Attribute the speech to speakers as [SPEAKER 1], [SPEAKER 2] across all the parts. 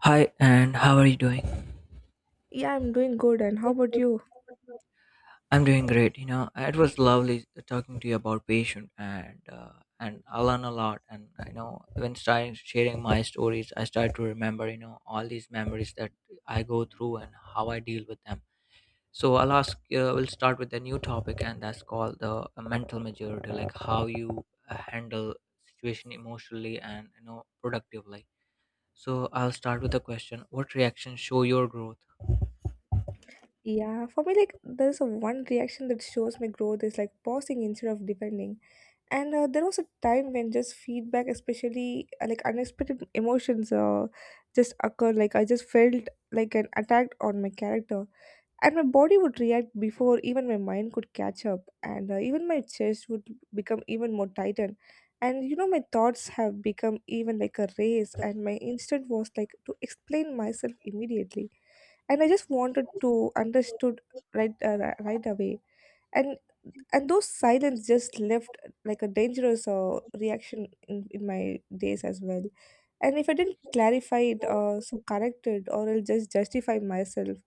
[SPEAKER 1] Hi, and how are you doing?
[SPEAKER 2] Yeah, I'm doing good. And how about you?
[SPEAKER 1] I'm doing great. You know, it was lovely talking to you about patient, and and I learn a lot. And you know, when starting sharing my stories, I start to remember you know all these memories that I go through and how I deal with them. So I'll ask. We'll start with a new topic, and that's called the mental maturity, like how you handle situation emotionally and you know productively. So I'll start with the question, what reactions show your growth?
[SPEAKER 2] Yeah, for me, like, there's a one reaction that shows my growth is like pausing instead of defending. And there was a time when just feedback, especially like unexpected emotions, just occurred. Like, I just felt like an attack on my character, and my body would react before even my mind could catch up, and even my chest would become even more tightened, and you know my thoughts have become even like a race, and my instinct was like to explain myself immediately, and I just wanted to understood right right away. and and those silence just left like a dangerous reaction in my days as well. And if I didn't clarify it so correct it or I'll just justify myself,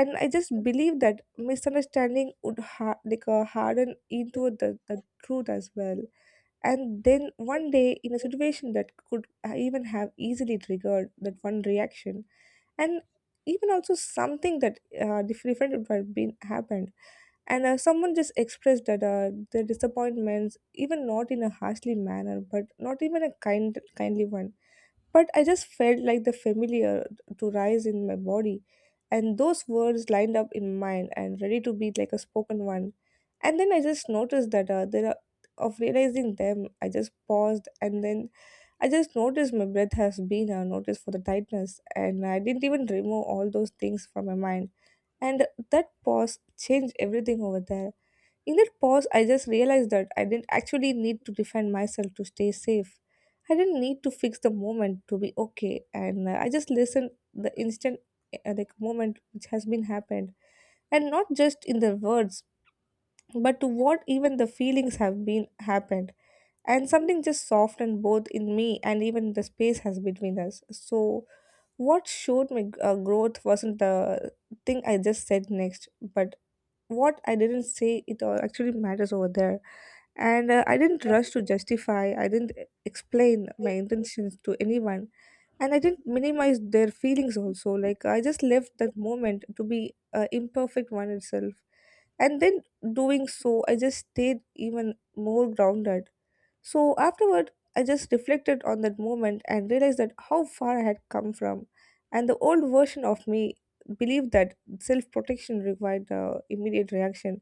[SPEAKER 2] and I just believe that misunderstanding would like harden into the truth as well. And then one day in a situation that could even have easily triggered that one reaction, and even also something that different would have been happened, and someone just expressed that their disappointments, even not in a harshly manner, but not even a kind, kindly one. But I just felt like the familiar to rise in my body, and those words lined up in mind and ready to be like a spoken one. And then I just noticed that there are of realizing them, I just paused and then I just noticed my breath has been noticed for the tightness, and I didn't even remove all those things from my mind. And that pause changed everything over there. In that pause, I just realized that I didn't actually need to defend myself to stay safe. I didn't need to fix the moment to be okay, and I just listened the instant like moment which has been happened, and not just in the words, but to what even the feelings have been happened, and something just softened both in me and even the space has between us. So what showed me growth wasn't the thing I just said next, but what I didn't say it all actually matters over there. And I didn't rush to justify, I didn't explain my intentions to anyone, and I didn't minimize their feelings also. Like, I just left that moment to be imperfect one itself. And then doing so, I just stayed even more grounded. So, afterward, I just reflected on that moment and realized that how far I had come from. And the old version of me believed that self protection required immediate reaction,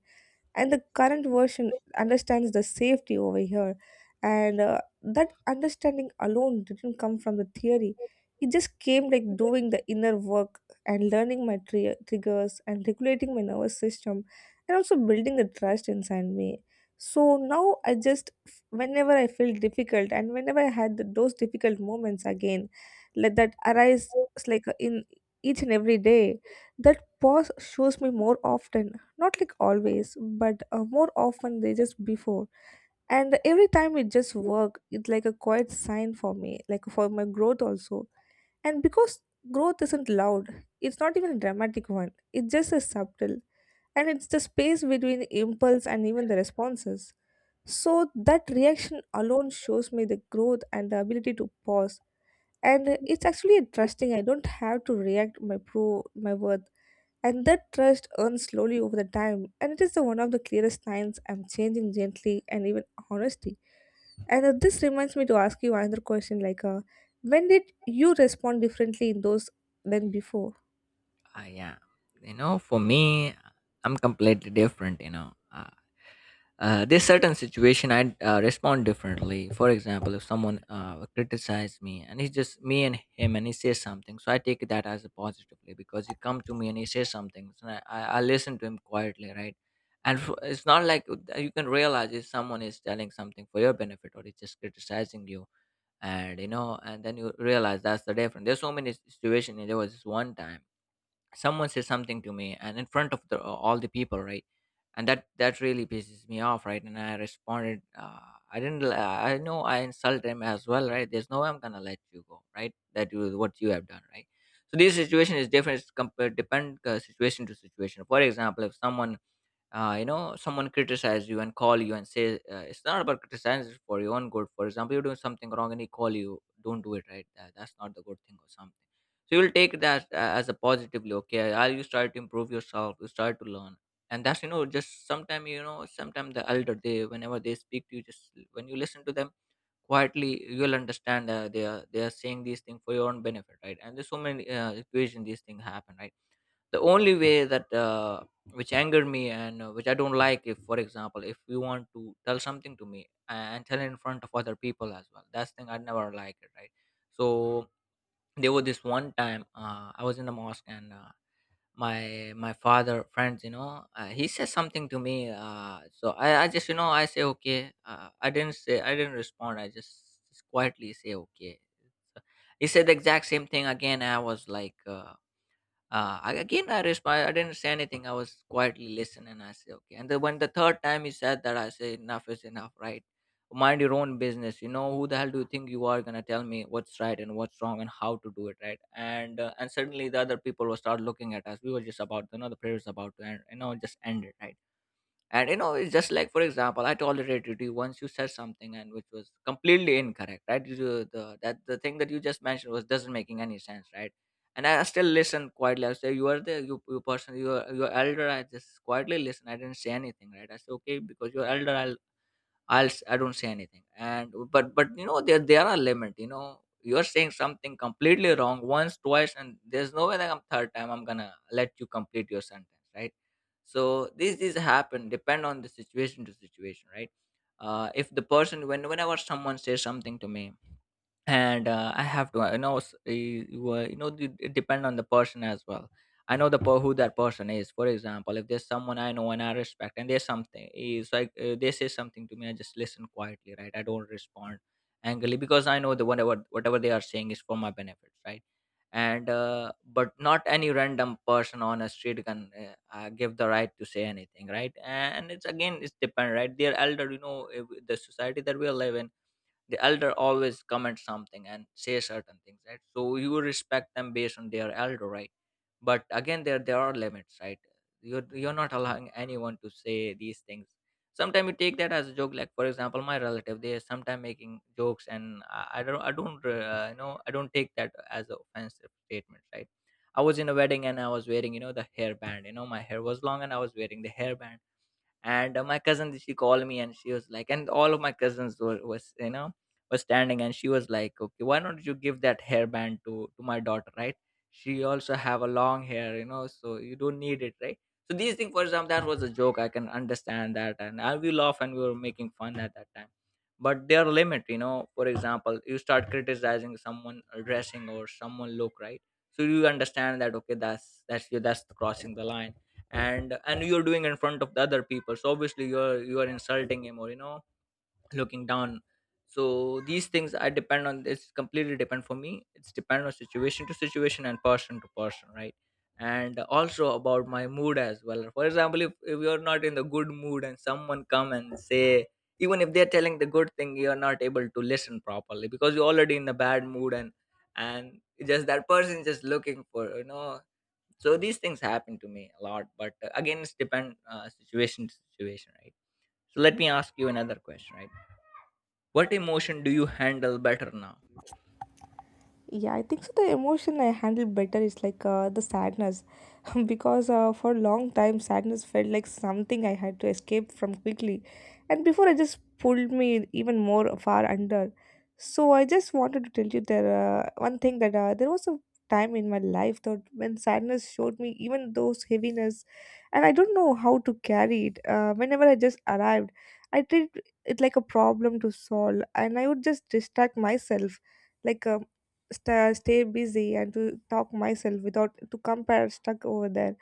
[SPEAKER 2] and the current version understands the safety over here, and that understanding alone didn't come from the theory, it just came like doing the inner work and learning my triggers and regulating my nervous system and also building the trust inside me. So now I just, whenever I feel difficult and whenever I had those difficult moments again, let that arise. It's like in each and every day that pause shows me more often, not like always, but more often they just before. And every time it just work, it's like a quiet sign for me, like for my growth also. And because growth isn't loud, it's not even a dramatic one, it's just a subtle, and it's the space between the impulse and even the responses. So that reaction alone shows me the growth and the ability to pause. And it's actually interesting, I don't have to react my worth, and that trust earns slowly over the time, and it is the one of the clearest signs I'm changing gently and even honesty. And this reminds me to ask you another question, like, when did you respond differently in those than before?
[SPEAKER 1] Yeah, you know, for me, I'm completely different. You know, there's certain situation I respond differently. For example, if someone criticizes me and it's just me and him and he says something, so I take that as a positively because he come to me and he says something, so I listen to him quietly, right? And it's not like you can realize if someone is telling something for your benefit or it's just criticizing you. And you know, and then you realize that's the difference. There's so many situations. There was this one time someone says something to me and in front of the all the people, right? And that really pisses me off, right? And I responded. I didn't l- I know I insulted him as well, right? There's no way I'm gonna let you go, right? That was what you have done, right? So this situation is different. It's depend situation to situation. For example, if someone you know, someone criticize you and call you and say it's not about criticizing, for your own good. For example, you're doing something wrong and he call you, don't do it, right? That's not the good thing or something. So you'll take that as a positively, okay, I, you try to improve yourself, you try to learn. And that's, you know, just sometime, you know, sometime the elder, they whenever they speak to you, just when you listen to them quietly, you'll understand they are, they are saying these things for your own benefit, right? And there's so many situations these things happen, right? The only way that which angered me and which I don't like, if for example, if you want to tell something to me and tell it in front of other people as well, that's thing I never like it, right? So there was this one time, I was in the mosque, and my father friends, you know, he says something to me. So I just, you know, I say okay. I didn't respond, I just quietly say okay. So, he said the exact same thing again. I was like I, again, I respond. I didn't say anything. I was quietly listening. I say, okay. And then when the third time he said that, I say, enough is enough, right? Mind your own business. You know, who the hell do you think you are gonna tell me what's right and what's wrong and how to do it, right? And suddenly the other people will start looking at us. We were just about, you know, the prayer is about to end. You know, just ended, right? And you know, it's just like, for example, I tolerated you once. You said something and which was completely incorrect, right? You, do the, that, the thing that you just mentioned was doesn't making any sense, right? And I still listen quietly. I say, you are the, you person, you are your elder, I just quietly listen. I didn't say anything, right? I said okay, because you're elder, I don't say anything. And but you know, there are limit. You know, you're saying something completely wrong once, twice, and there's no way that I'm, third time I'm gonna let you complete your sentence, right? So these happen depend on the situation to situation, right? If the person, when whenever someone says something to me, and I have to I know s- eh, you you know, it depend on the person as well. I know the who that person is. For example, if there's someone I know and I respect, and there's something is like they say something to me, I just listen quietly, right? I don't respond angrily, because I know the whatever they are saying is for my benefits, right? And but not any random person on a street can give the right to say anything, right? And it's again, it's depend, right? They're elder, you know, the society that we live in, the elder always comment something and say certain things, right? So you respect them based on their elder, right? But again, there are limits, right? You're not allowing anyone to say these things. Sometimes you take that as a joke. Like, for example, my relative, they are sometimes making jokes, and I don't, I don't, you know, I don't take that as an offensive statement, right? I was in a wedding, and I was wearing, you know, the hairband. You know, my hair was long, and I was wearing the hairband. And my cousin, she called me, and she was like, and all of my cousins were, was, you know, was standing, and she was like, okay, why don't you give that hairband to my daughter, right? She also have a long hair, you know, so you don't need it, right? So these things, for example, that was a joke, I can understand that, and I, we laugh and we were making fun at that time. But there are limit, you know, for example, you start criticizing someone dressing or someone look, right? So you understand that, okay, that's you that's crossing the line. And you're doing in front of the other people, so obviously you're insulting him, or you know, looking down. So these things, I depend on, it's completely depend. For me, it's depend on situation to situation and person to person, right? And also about my mood as well. For example, if you're not in the good mood, and someone come and say, even if they're telling the good thing, you're not able to listen properly, because you're already in a bad mood, and and just that person just looking for, you know. So these things happen to me a lot, but again, it's depend situation to situation, right? So let me ask you another question, right? What emotion do you handle better now?
[SPEAKER 2] Yeah, I think so. The emotion I handle better is like the sadness, because for a long time sadness felt like something I had to escape from quickly, and before I just pulled me even more far under. So I just wanted to tell you there one thing that there was a time in my life that when sadness showed me even those heaviness, and I don't know how to carry it. Whenever I just arrived, I treated it like a problem to solve, and I would just distract myself like. Stay busy and to talk myself without to compare stuck over there.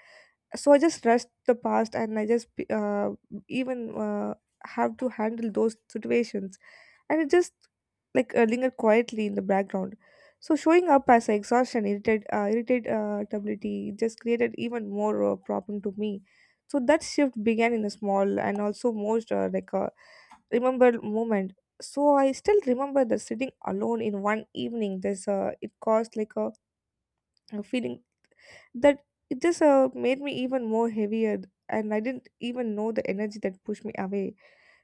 [SPEAKER 2] So I just trust the past and I just uh, even uh, have to handle those situations, and it just like linger quietly in the background, so showing up as exhaustion irritate ability just created even more problem to me. So that shift began in a small and also most like remembered moment. So I still remember the sitting alone in one evening. This it caused like a feeling that it just made me even more heavier, and I didn't even know the energy that pushed me away.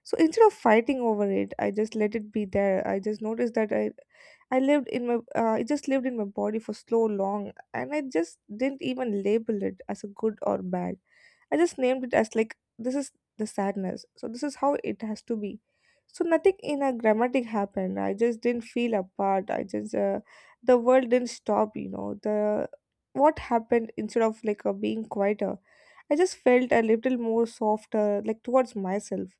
[SPEAKER 2] So instead of fighting over it, I just let it be there. I just noticed that I lived in my it just lived in my body for so long, and I just didn't even label it as a good or bad. I just named it as like this is the sadness. So this is how it has to be. So nothing in a grammatic happened. I just didn't feel apart. I just the world didn't stop. You know the what happened instead of like being quieter. I just felt a little more softer, like towards myself.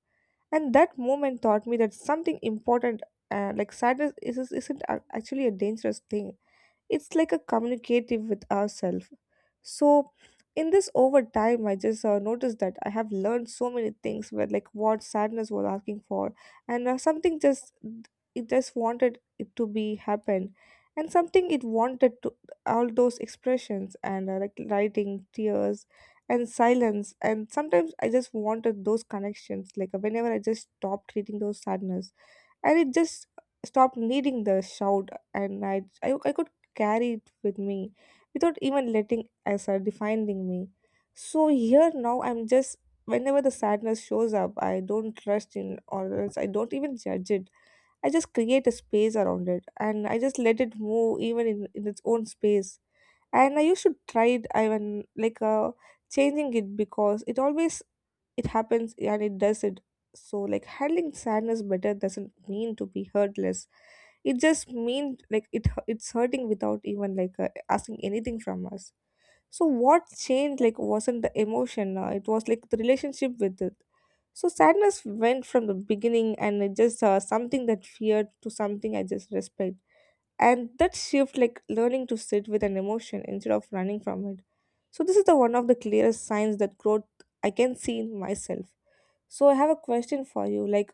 [SPEAKER 2] And that moment taught me that something important, like sadness, isn't actually a dangerous thing, it's like a communicative with ourselves. So in this over time I just noticed that I have learned so many things where like what sadness was asking for, and something just it just wanted it to be happen, and something it wanted to all those expressions, and like writing tears and silence, and sometimes I just wanted those connections, like whenever I just stopped treating those sadness, and it just stopped needing the shout, and I I could carry it with me without even letting asa defining me. So here now I'm just whenever the sadness shows up, I don't trust in or else I don't even judge it. I just create a space around it, and I just let it move even in its own space. And I used to try it, I even like changing it because it always it happens and it does it. So like handling sadness better doesn't mean to be hurtless, it just means like it's hurting without even like asking anything from us. So what changed like wasn't the emotion, it was like the relationship with it. So sadness went from the beginning, and it just something that feared to something I just respect. And that shift, like learning to sit with an emotion instead of running from it, so this is the one of the clearest signs that growth I can see in myself. So I have a question for you. Like,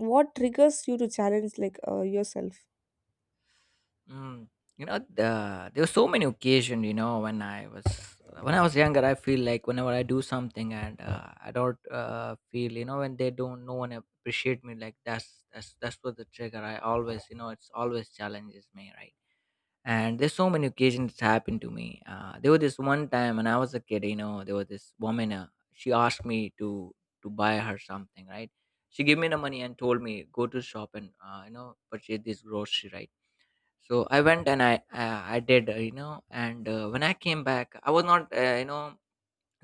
[SPEAKER 2] what triggers you to challenge like yourself?
[SPEAKER 1] Mm, you know, there were so many occasions, you know, when I was, when I was younger, I feel like whenever I do something, and I don't feel, you know, when they don't, no one appreciate me, like that's what the trigger. I always, you know, it's always challenges me, right? And there's so many occasions it's happened to me. There was this one time when I was a kid, you know, there was this woman, she asked me to buy her something, right? She gave me the money and told me, go to shop and you know, purchase this grocery, right? So I went and I did, you know, and when I came back, I was not, you know,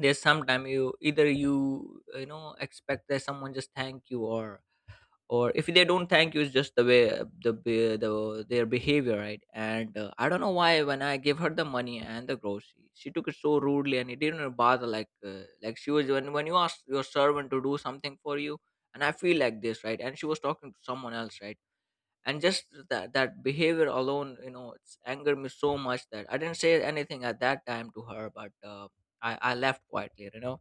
[SPEAKER 1] there's sometime, you either you, you know, expect that someone just thank you, or if they don't thank you, it's just the way the, their behavior, right? And I don't know why, when I gave her the money and the grocery, she took it so rudely, and it didn't bother, like she was, when you ask your servant to do something for you, and I feel like this, right? And she was talking to someone else, right? And just that behavior alone, you know, it's angered me so much, that I didn't say anything at that time to her, but I left quietly, you know.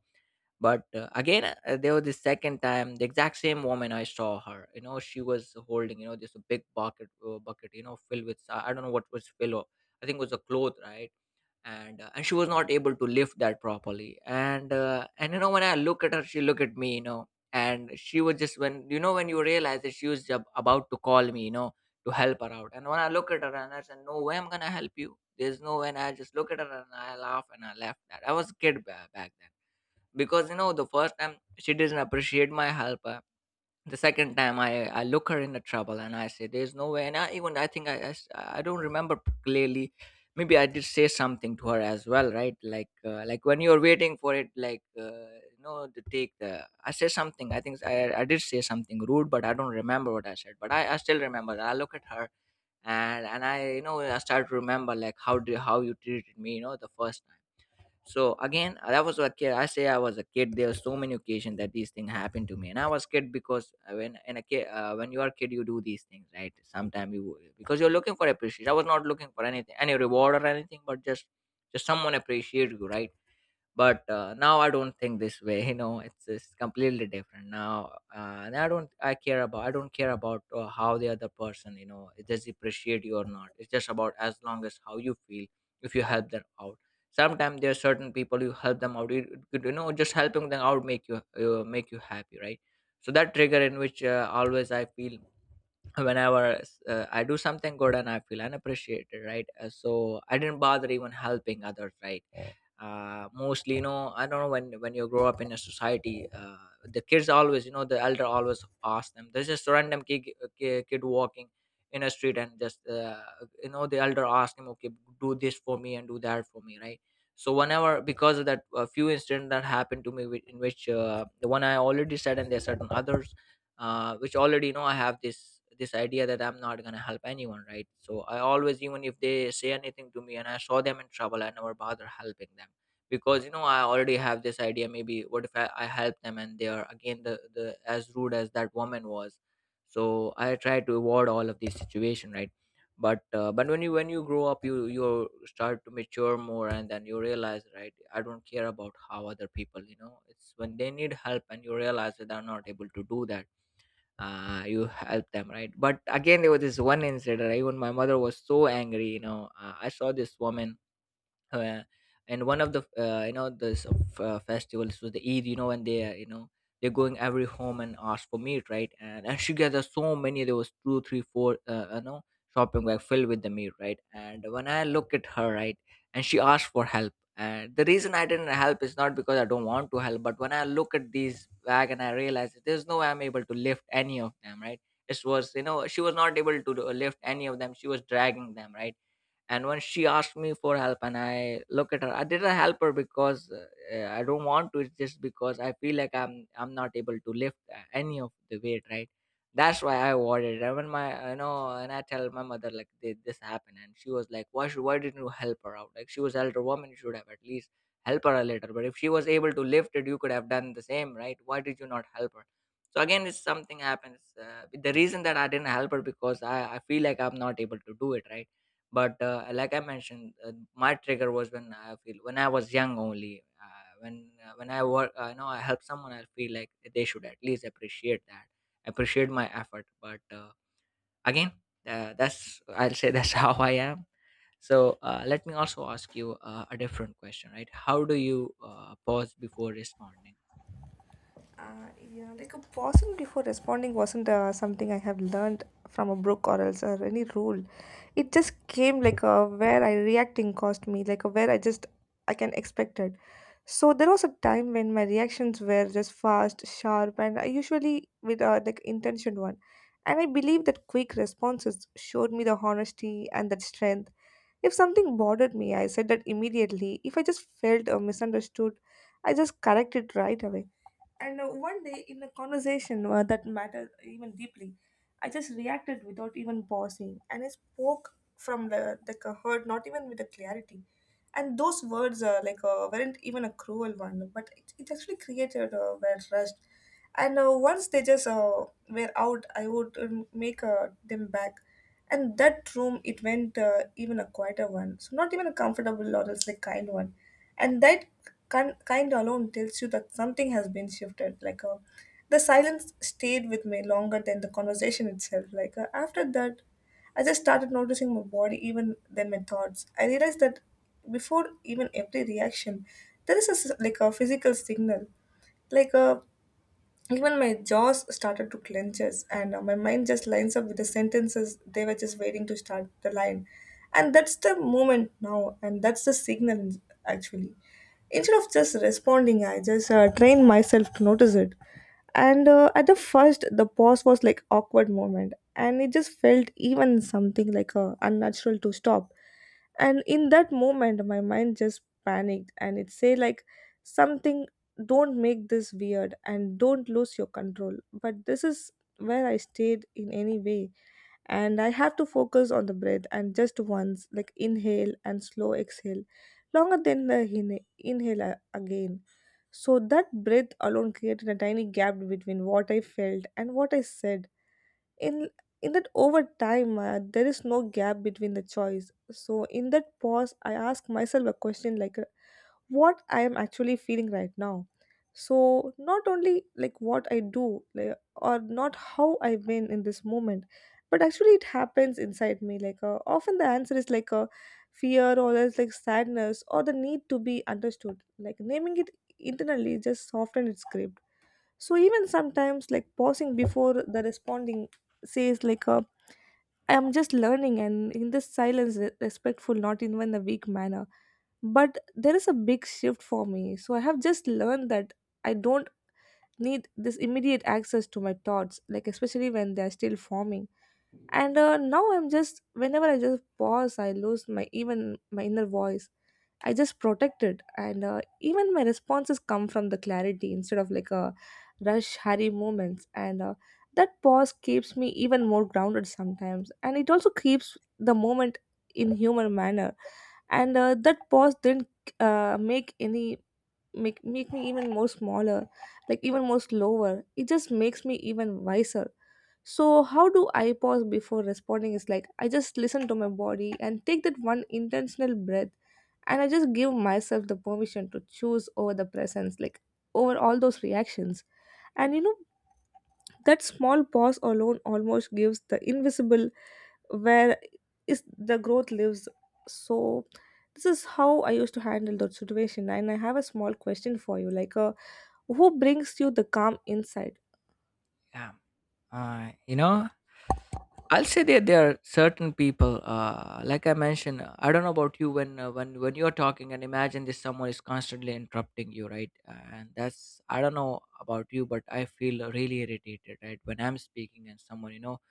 [SPEAKER 1] But again, there was the second time, the exact same woman, I saw her, you know, she was holding, you know, this big bucket, bucket, you know, filled with I don't know what was filled of-, I think it was a cloth, right? And and she was not able to lift that properly, and you know, when I look at her, she looked at me, you know. And she was just, when, you know, when you realize that she was about to call me, you know, to help her out, and when I look at her, and I said, no way I'm gonna help you. There's no way. And I just look at her and I laugh and I left that. I was a kid back then. Because, you know, the first time she doesn't appreciate my help. The second time, I look her in the trouble and I say there's no way. And I even I think, I don't remember clearly. Maybe I did say something to her as well, right? Like, like when you're waiting for it, like, you know, to take the, I say something. I think I did say something rude, but I don't remember what I said. But I still remember that I look at her. And I, you know, I start to remember like how you treated me, you know, the first time. So again, I was a kid, I say I was a kid. There are so many occasions that these things happened to me, and I was kid, because when in a kid, when you are kid, you do these things, right? Sometimes you, because you're looking for appreciation, I was not looking for anything, any reward or anything, but just someone appreciate you, right? But now I don't think this way you know, it's just completely different now. And I don't care about how the other person, you know, it does appreciate you or not. It's just about as long as how you feel if you help them out. Sometimes there are certain people you help them out, you know, just helping them out make you happy, right? So that trigger in which always I feel, whenever I do something good and I feel unappreciated, right? So I didn't bother even helping others, right? Mostly, you know, I don't know when you grow up in a society, the kids always, you know, the elder always ask them, there's just random kid walking in a street and just you know, the elder ask him, okay, do this for me and do that for me, right? So whenever, because of that few incidents that happened to me with, in which the one I already said, and there are certain others, which already, you know, I have this idea that I'm not going to help anyone, right? So I always, even if they say anything to me and I saw them in trouble, I never bother helping them, because, you know, I already have this idea, maybe what if I help them and they are again, the as rude as that woman was. So I try to avoid all of these situation, right? But when you grow up, you start to mature more and then you realize, right? I don't care about how other people, you know, it's when they need help and you realize that they're not able to do that, you help them, right? But again, there was this one incident, right, when my mother was so angry, you know. I saw this woman, uh, and one of the you know, this festivals was the Eid. You know, when they, you know, they're going every home and ask for meat, right? And she gathered so many. There was two, three, four. You know, shopping bag filled with the meat, right? And when I look at her, right, and she asked for help. And the reason I didn't help is not because I don't want to help, but when I look at these bag and I realize that there's no way I'm able to lift any of them, right? It was, you know, she was not able to lift any of them. She was dragging them, right? And when she asked me for help and I look at her, I didn't help her, because I don't want to. It's just because I feel like I'm not able to lift any of the weight, right? That's why I avoided it. And when my, you know, and I tell my mother like, "Did this happened," and she was like, why should, why didn't you help her out? Like, she was elder woman. You should have at least help her a little. But if she was able to lift it, you could have done the same, right? Why did you not help her? So again, it's something happens. The reason that I didn't help her, because I feel like I'm not able to do it, right? But, like I mentioned, my trigger was when I feel, when I was young only. When I work, you know, I help someone, I feel like they should at least appreciate that, appreciate my effort. But again, that's, I'll say that's how I am. So let me also ask you a different question, right? How do you pause before responding?
[SPEAKER 2] Uh, yeah, like a pausing before responding wasn't something I have learned from a book or else or any rule. It just came like a where I reacting cost me, like a where I just I can expect it. So there was a time when my reactions were just fast, sharp, and I usually with like intention one. And I believe that quick responses showed me the honesty and that strength. If something bothered me, I said that immediately. If I just felt misunderstood, I just corrected right away. And one day, in a conversation that mattered even deeply, I just reacted without even pausing, and I spoke from the a hurt, not even with the clarity. And those words like weren't even a cruel one, but it actually created a were rushed, and once they just were out, I would make them back, and that room it went even a quieter one, so not even a comfortable or else like kind one. And that kind alone tells you that something has been shifted, like the silence stayed with me longer than the conversation itself. Like after that, I just started noticing my body even then my thoughts. I realized that before even every reaction there is a like a physical signal, like even my jaws started to clenches, and my mind just lines up with the sentences, they were just waiting to start the line. And that's the moment now, and that's the signal actually. Instead of just responding, I just trained myself to notice it. And at the first, the pause was like awkward moment, and it just felt even something like unnatural to stop. And in that moment, my mind just panicked, and it said like something, don't make this weird and don't lose your control. But this is where I stayed in any way, and I have to focus on the breath and just once, like inhale and slow exhale, longer than the inhale again. So that breath alone created a tiny gap between what I felt and what I said. In in that over time, there is no gap between the choice. So in that pause, I ask myself a question like what I am actually feeling right now. So, not only like what I do like, or not how I've been in this moment, but actually it happens inside me. Like, often the answer is like a fear, or there's like sadness or the need to be understood. Like, naming it internally just soften its grip. So, even sometimes like pausing before the responding says like, I am just learning, and in this silence, respectful, not even a weak manner, but there is a big shift for me. So I have just learned that I don't need this immediate access to my thoughts, like especially when they're still forming. And now I'm just whenever I just pause, I lose my even my inner voice, I just protect it. And even my responses come from the clarity instead of like a rush hurry moments. And that pause keeps me even more grounded sometimes, and it also keeps the moment in human manner. And that pause didn't make any make me even more smaller, like even more slower, it just makes me even wiser. So how do I pause before responding is like I just listen to my body and take that one intentional breath, and I just give myself the permission to choose over the presence, like over all those reactions. And you know, that small pause alone almost gives the invisible where is the growth lives. So this is how I used to handle that situation. And I have a small question for you, like who brings you the calm inside?
[SPEAKER 1] Yeah, you know, I'll say that there are certain people, like I mentioned, I don't know about you when when you're talking and imagine this someone is constantly interrupting you, right? And that's, I don't know about you, but I feel really irritated, right? When I'm speaking and someone, you know,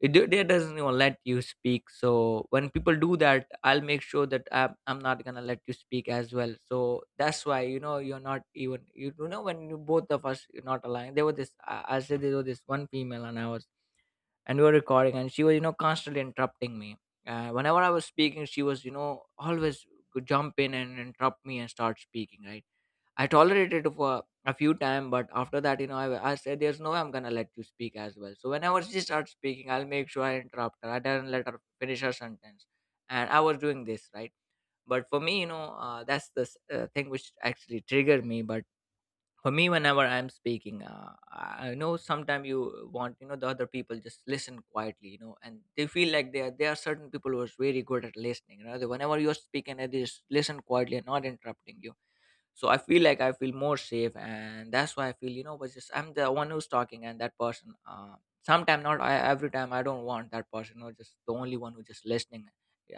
[SPEAKER 1] they doesn't even let you speak. So when people do that, I'll make sure that I'm not gonna let you speak as well. So that's why, you know, you're not even you, you know, when you, both of us are not aligned. There was this, I said, there was this one female, and I was and we were recording, and she was, you know, constantly interrupting me. Whenever I was speaking, she was, you know, always could jump in and interrupt me and start speaking, right? I tolerated it for a few times, but after that, you know, I said there's no way I'm gonna let you speak as well. So whenever she starts speaking, I'll make sure I interrupt her. I don't let her finish her sentence. And I was doing this, right? But for me, you know, that's the thing which actually triggered me. But for me, whenever I'm speaking, I know sometimes you want, you know, the other people just listen quietly, you know, and they feel like there are certain people who are very good at listening, you know. Whenever you're speaking, they just listen quietly and not interrupting you. So I feel like I feel more safe, and that's why I feel, you know, but just I'm the one who's talking and that person, sometime not, every time I don't want that person or just the only one who just listening.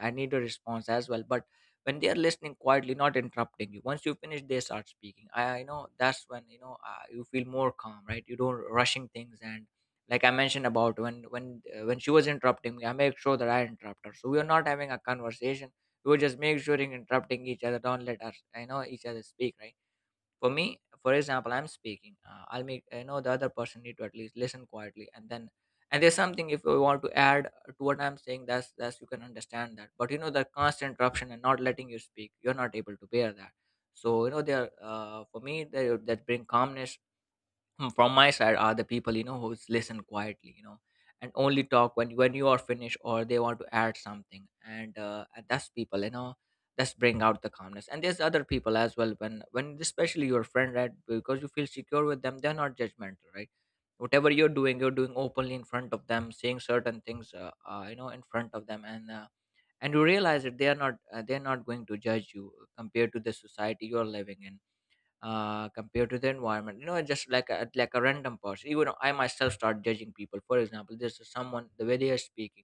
[SPEAKER 1] I need a response as well. But when they are listening quietly, not interrupting you, once you finish, they start speaking. I know that's when, you know, you feel more calm, right? You don't rushing things, and like I mentioned about when when she was interrupting me, I make sure that I interrupt her, so we are not having a conversation. We would just make sure in interrupting each other, don't let us, I know, each other speak, right? For me, for example, I'm speaking, I'll make, I know the other person need to at least listen quietly, and then, and there's something, if you want to add to what I'm saying, that's you can understand that. But you know, the constant interruption and not letting you speak, you're not able to bear that. So you know, there, for me, that bring calmness, from my side, are the people, you know, who is listen quietly, you know, and only talk when you are finished, or they want to add something. And that's people, you know, that's bring out the calmness. And there's other people as well, when especially your friend, right? Because you feel secure with them. They're not judgmental, right? Whatever you're doing, you're doing openly in front of them, saying certain things, you know, in front of them. And you realize that they are not, they're not going to judge you, compared to the society you're living in, compared to the environment. You know, just like a random person. Even I myself start judging people. For example, this is someone, the way they are speaking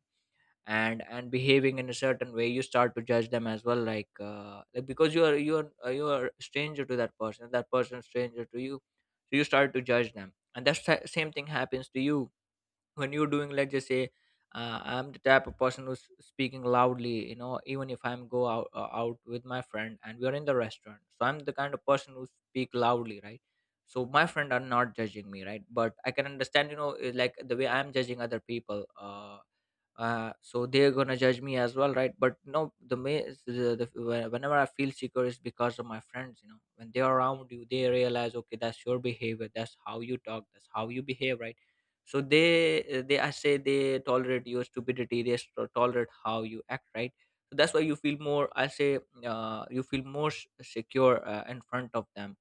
[SPEAKER 1] and behaving in a certain way. You start to judge them as well, like because you are a stranger to that person. That person is stranger to you, so you start to judge them. And that's the same thing happens to you when you're doing, let's just say, I'm the type of person who's speaking loudly, you know, even if I'm go out out with my friend and we're in the restaurant. So I'm the kind of person who speak loudly, right? So my friend are not judging me, right? But I can understand, you know, like the way I'm judging other people, so they're gonna judge me as well, right? But no, the, ma- the whe- whenever I feel secure is because of my friends. You know, when they're around you, they realize, okay, that's your behavior, that's how you talk, that's how you behave, right? So they, they I say they tolerate your stupidity. They tolerate how you act, right? So that's why you feel more, I say, you feel more secure in front of them.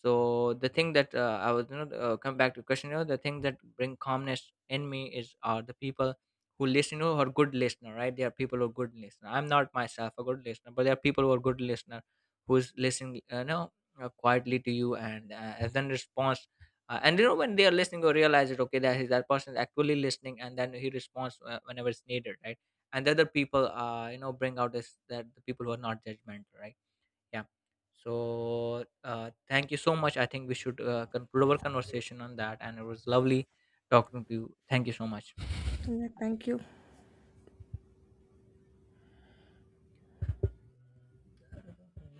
[SPEAKER 1] So the thing that I was, you know, come back to question, you know, the thing that bring calmness in me is are the people who listen, you know, who are good listener, right? There are people who are good listener. I'm not myself a good listener, but there are people who are good listener, who's listening, you know, quietly to you, and then responds, and you know, when they are listening, or realize it, okay, that person is actually listening, and then he responds whenever it's needed, right? And the other people, you know, bring out this, that the people who are not judgmental, right? Yeah. So thank you so much. I think we should conclude our conversation on that, and it was lovely talking to you. Thank you so much.
[SPEAKER 2] Yeah, thank you.
[SPEAKER 1] Yeah.